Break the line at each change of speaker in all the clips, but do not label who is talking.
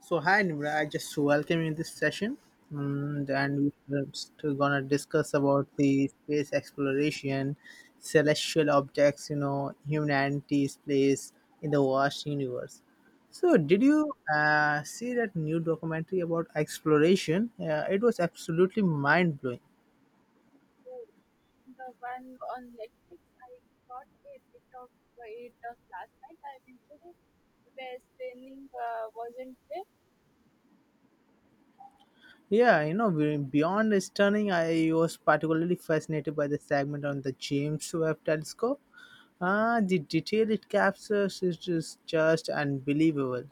So hi Nimra, I just welcome you in this session, and,
Hello.
and we're still gonna discuss about the space exploration, celestial objects, you know, humanity's place in the vast universe. So did
Hey,
you see that new documentary about exploration? It was absolutely mind blowing.
oh, the one on Netflix. I got a bit of it of last night. I eventually where training wasn't there.
Yeah, you know, beyond stunning, I was particularly fascinated by the segment on the James Webb Telescope. Ah, the detail it captures is just unbelievable.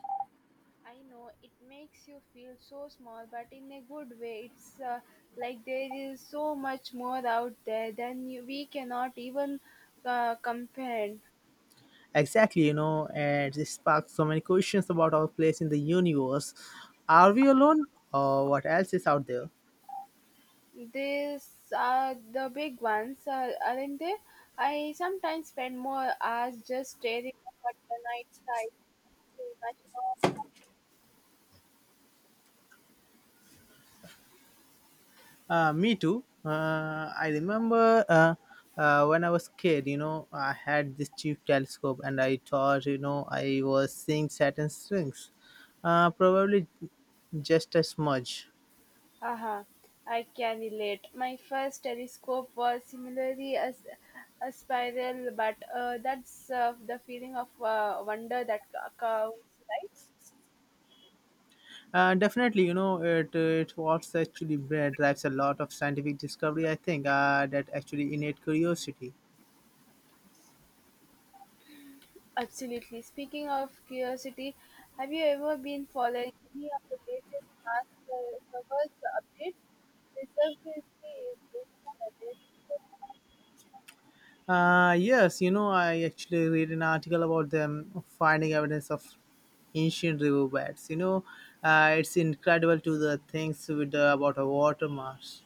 I know it makes you feel so small, but in a good way. It's like there is so much more out there than you, we cannot even comprehend.
Exactly, you know, and it sparks so many questions about our place in the universe. Are we alone, or what else is out there?
These are the big ones, aren't they? I sometimes spend more hours just staring up at the night sky to imagine all.
Me too. I remember when I was kid, you know, I had this cheap telescope and I thought, you know, I was seeing Saturn's rings. Probably just a smudge.
Aha! I can relate. My first telescope was similarly a, a spiral, but that's the feeling of wonder that counts.
Definitely, you know, it was actually bred drives a lot of scientific discovery, I think, that actually innate curiosity.
Absolutely. Speaking of curiosity, have you ever been following any of the latest Mars servers updates? The service is based on amazing.
Yes, you know, I actually read an article about them finding evidence of ancient river beds. You know, it's incredible to the things with about a water mass.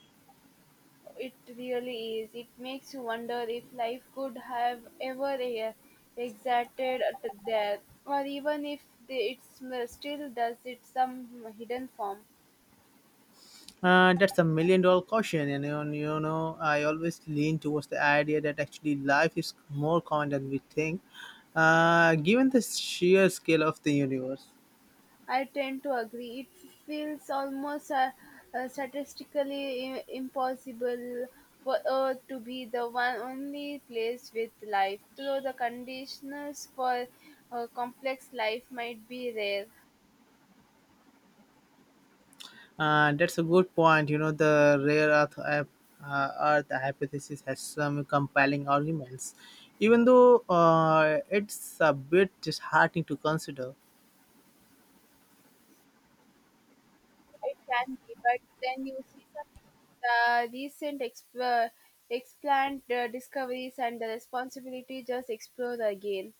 It really is. It makes you wonder if life could have ever existed at there, or even if it still does it some hidden form.
That's a million dollar question, and you know, I always lean towards the idea that actually life is more common than we think, given the sheer scale of the universe.
I tend to agree. It feels almost statistically impossible for Earth to be the one only place with life, though the conditions for complex life might be rare.
That's a good point. You know, the rare earth, uh, earth hypothesis has some compelling arguments, even though it's a bit disheartening to consider.
It can be, but then you see some recent explant discoveries and the responsibility just explode again.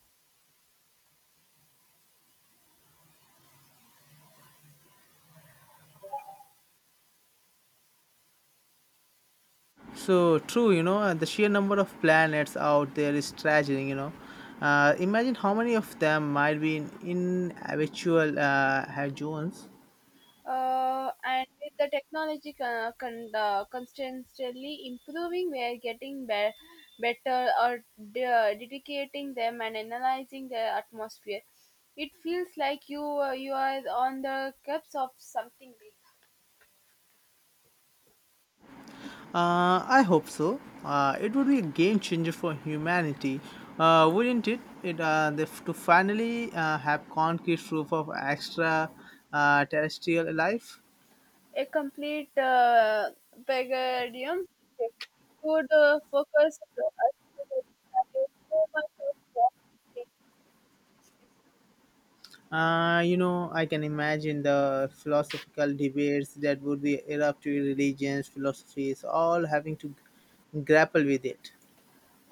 So true, you know, and the sheer number of planets out there is staggering. You know, imagine how many of them might be in habitual hydrogens.
And with the technology constantly improving, we are getting better or dedicating them and analyzing the atmosphere. It feels like you you are on the cups of something big.
I hope so. It would be a game changer for humanity, wouldn't it? To finally have concrete proof of extra terrestrial life.
A complete vegetarian shift would focus us to the value so much of quality,
You know, I can imagine the philosophical debates that would be erupt to religions, philosophies, all having to grapple with it.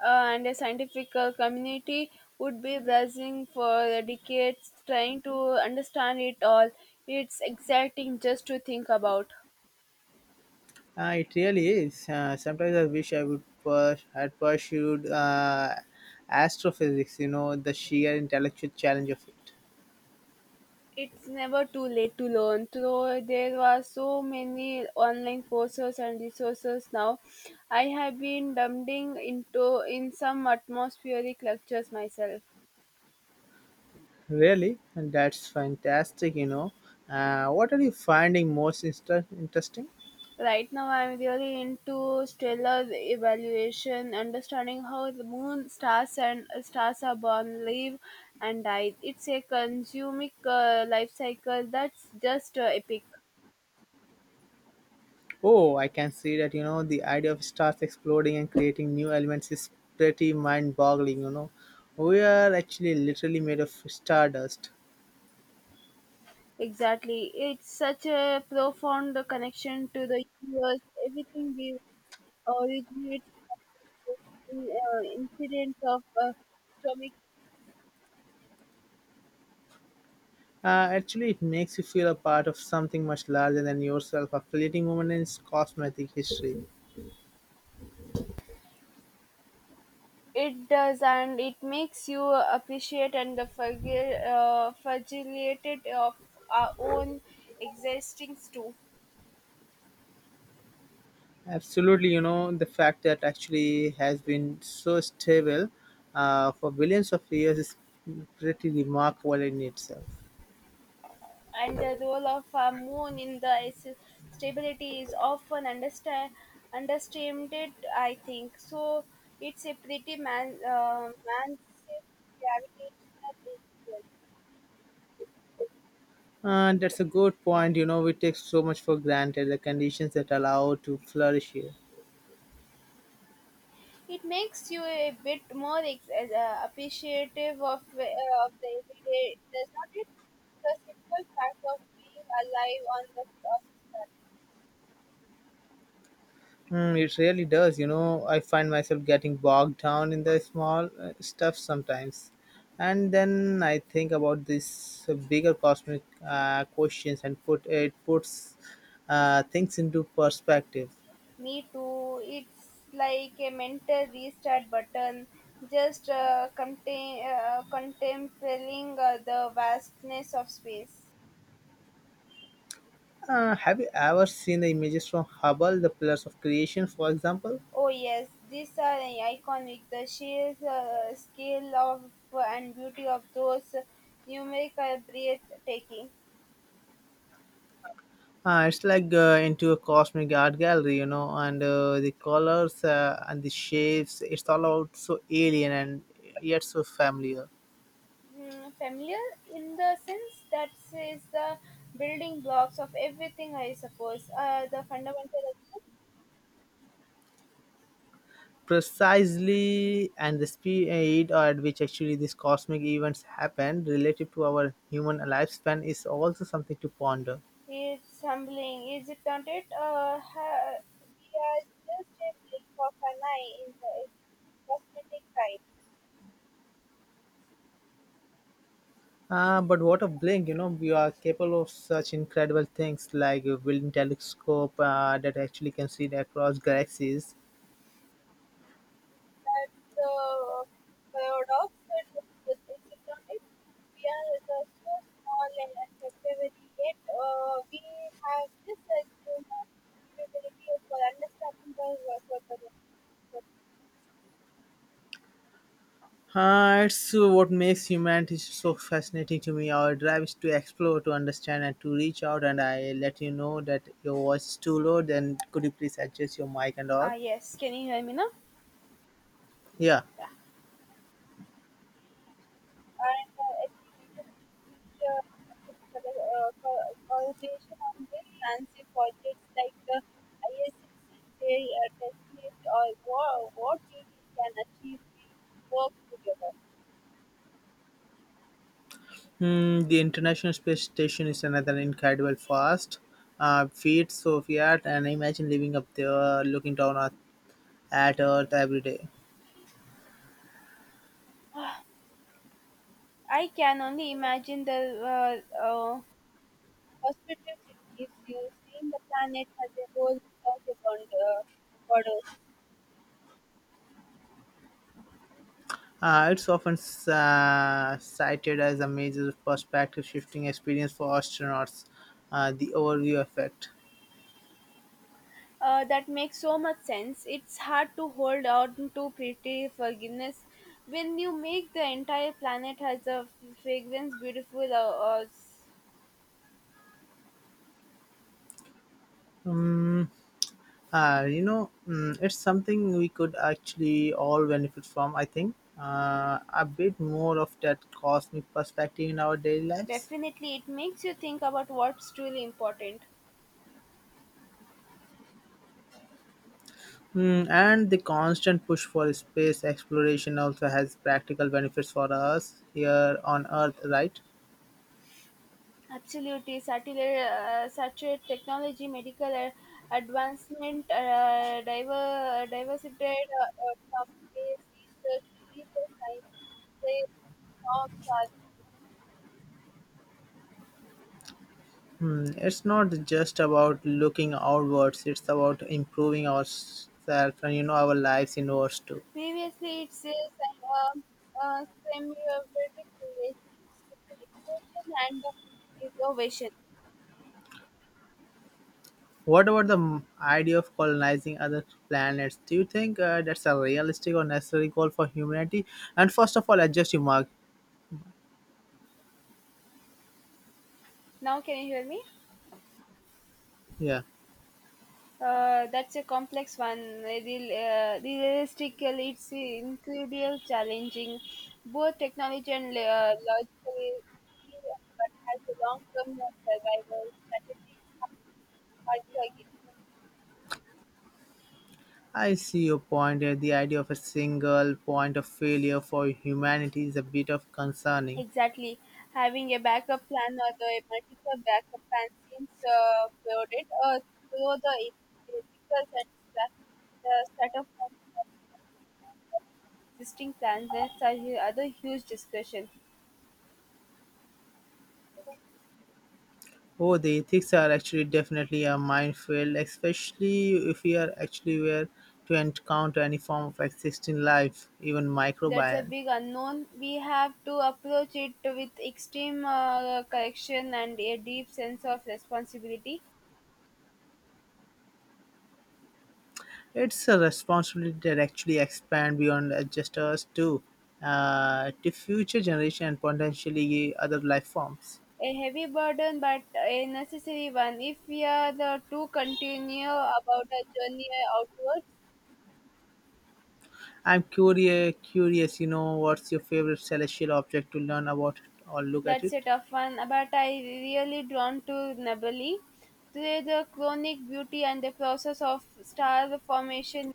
and a scientific community would be browsing for decades trying to understand it all. It's exciting just to think about.
It really is. Sometimes I wish I would had pursued astrophysics. You know, the sheer intellectual challenge of it.
It's never too late to learn. Though there are so many online courses and resources now, I have been dumping into in some atmospheric lectures myself.
Really? And that's fantastic, you know. What are you finding most insta interesting?
Right now, I'm really into stellar evaluation, understanding how the moon, stars, and stars are born, live, and die. It's a consuming life cycle that's just epic.
Oh, I can see that, you know, the idea of stars exploding and creating new elements is pretty mind boggling, you know. We are actually literally made of stardust.
Exactly. It's such a profound connection to the universe. Everything we originates from in, incident of stomach.
Actually, it makes you feel a part of something much larger than yourself, a fleeting moment in its cosmetic history.
It does, and it makes you appreciate and the fragile, fragility of our own existence too.
Absolutely, you know, the fact that actually has been so stable for billions of years is pretty remarkable in itself.
And the role of a moon in the stability is often understated, I think. So it's a pretty massive gravitational influence.
And that's a good point, you know, we take so much for granted the conditions that allow to flourish here.
It makes you a bit more appreciative uh, of the everyday, does not it? The simple fact of being alive on the planet.
Mm, it really does, you know, I find myself getting bogged down in the small stuff sometimes. And then I think about this bigger cosmic questions and puts things into perspective.
Me too. It's like a mental restart button. Just contemplating the vastness of space.
Have you ever seen the images from Hubble, the Pillars of Creation, for example?
Oh, yes, these are iconic. The sheer scale of and beauty of those numeric are breathtaking.
It's like into a cosmic art gallery, you know, and the colors and the shapes, it's all out so alien and yet so familiar.
Mm, familiar in the sense that is the building blocks of everything, I suppose. The fundamental.
Precisely, and the speed at which actually these cosmic events happen relative to our human lifespan is also something to ponder.
Is humbling, isn't it? We are just a blink of an eye in the cosmetic time.
But what a blink, you know, we are capable of such incredible things like a building telescope that actually can see across galaxies.
That's the paradox, is not? It? We are the so small and temporary yet we have this assumed capability for understanding the world.
It's what makes humanity so fascinating to me. Our drive is to explore, to understand, and to reach out. And I let you know that your voice is too low, then could you please adjust your mic and all?
Ah, yes. Can you hear me now?
Yeah.
Yeah. And the ability to uh, correlation on this fancy projects like the ISCCJ testnet or what we can achieve we work together.
Hmm, the International Space Station is another incredible fast feat, so fiat, and imagine living up there looking down at Earth every day.
I can only imagine the uh, uh, perspectives it gives you seeing the planet as a whole without a border.
It's often cited as a major perspective shifting experience for astronauts, the overview effect.
That makes so much sense. It's hard to hold on to pretty forgiveness when you make the entire planet has a fragrance beautiful.
Um, you know, mm, it's something we could actually all benefit from, I think. A bit more of that cosmic perspective in our daily lives.
Definitely, it makes you think about what's truly important.
Mm, and the constant push for space exploration also has practical benefits for us here on Earth, right?
Absolutely, satellite, such a technology, medical advancement, diversified from space research, religious science, they-
Hmm, it's not just about looking outwards, it's about improving ourselves and you know our lives inwards too.
Previously, it says I have a semi-vertic relation and the ovation.
What about the idea of colonizing other planets? Do you think that's a realistic or necessary goal for humanity? And first of all, adjust your mark.
Now, can you hear me?
Yeah,
That's a complex one. Realistically, it's incredibly challenging, both technology and logically, but has a long-term survival strategies argue again.
I see your point here. The idea of a single point of failure for humanity is a bit of concerning.
Exactly. Having a backup plan or the multiple backup plans seems crowded, though the ethical set- the set of existing plans that's a other huge discussion.
Oh, the ethics are actually definitely a minefield, especially if we are actually were to encounter any form of existing life, even
That's a
microbial.
big unknown. We have to approach it with extreme correction and a deep sense of responsibility.
It's a responsibility that actually expand beyond just us too, to future generation and potentially other life forms.
A heavy burden, but a necessary one if we are the to continue about our journey outward.
I'm curious, you know, what's your favorite celestial object to learn about or look at
That's
it?
a tough one, but I really drawn to Nebulae. Through the chronic beauty and the process of star formation,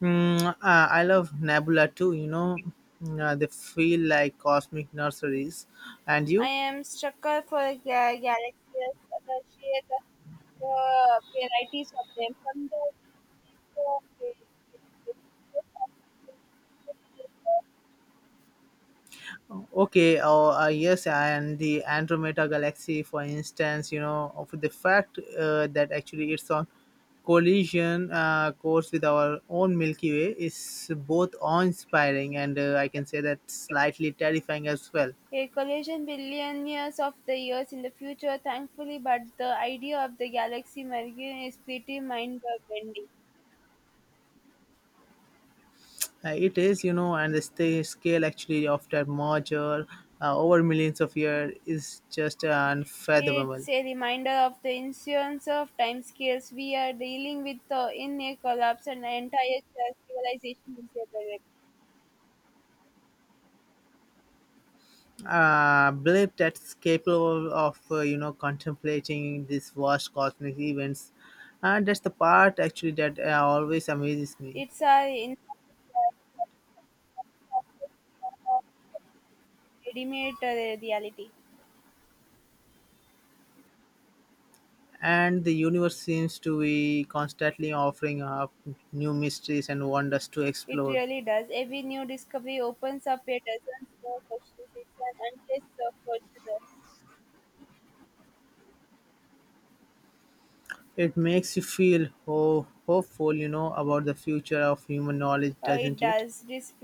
Mm, I love Nebula too, you know. Mm, they feel like cosmic nurseries. And
I
you?
am struck for the galaxies, the sheer the, the varieties of them, from the
Okay, yes, and the Andromeda Galaxy, for instance, you know, of the fact that actually it's on collision course with our own Milky Way is both awe inspiring and I can say that slightly terrifying as well.
a collision billion years of the years in the future, thankfully, but the idea of the galaxy merging is pretty mind-bending.
It is, you know, and the scale actually of that merger over millions of years is just unfathomable.
It's a reminder of the insurance of timescales we are dealing with in a collapse and entire civilization is a direct.
Believe that's capable of, you know, contemplating these vast cosmic events. And that's the part actually that always amazes me.
It's our readymade reality.
And the universe seems to be constantly offering up new mysteries and wonders to
It
explore.
really does. Every new discovery opens up a dozen more questions. It's an endless fortune.
It makes you feel hopeful, you know, about the future of human knowledge,
It
doesn't it?
does. This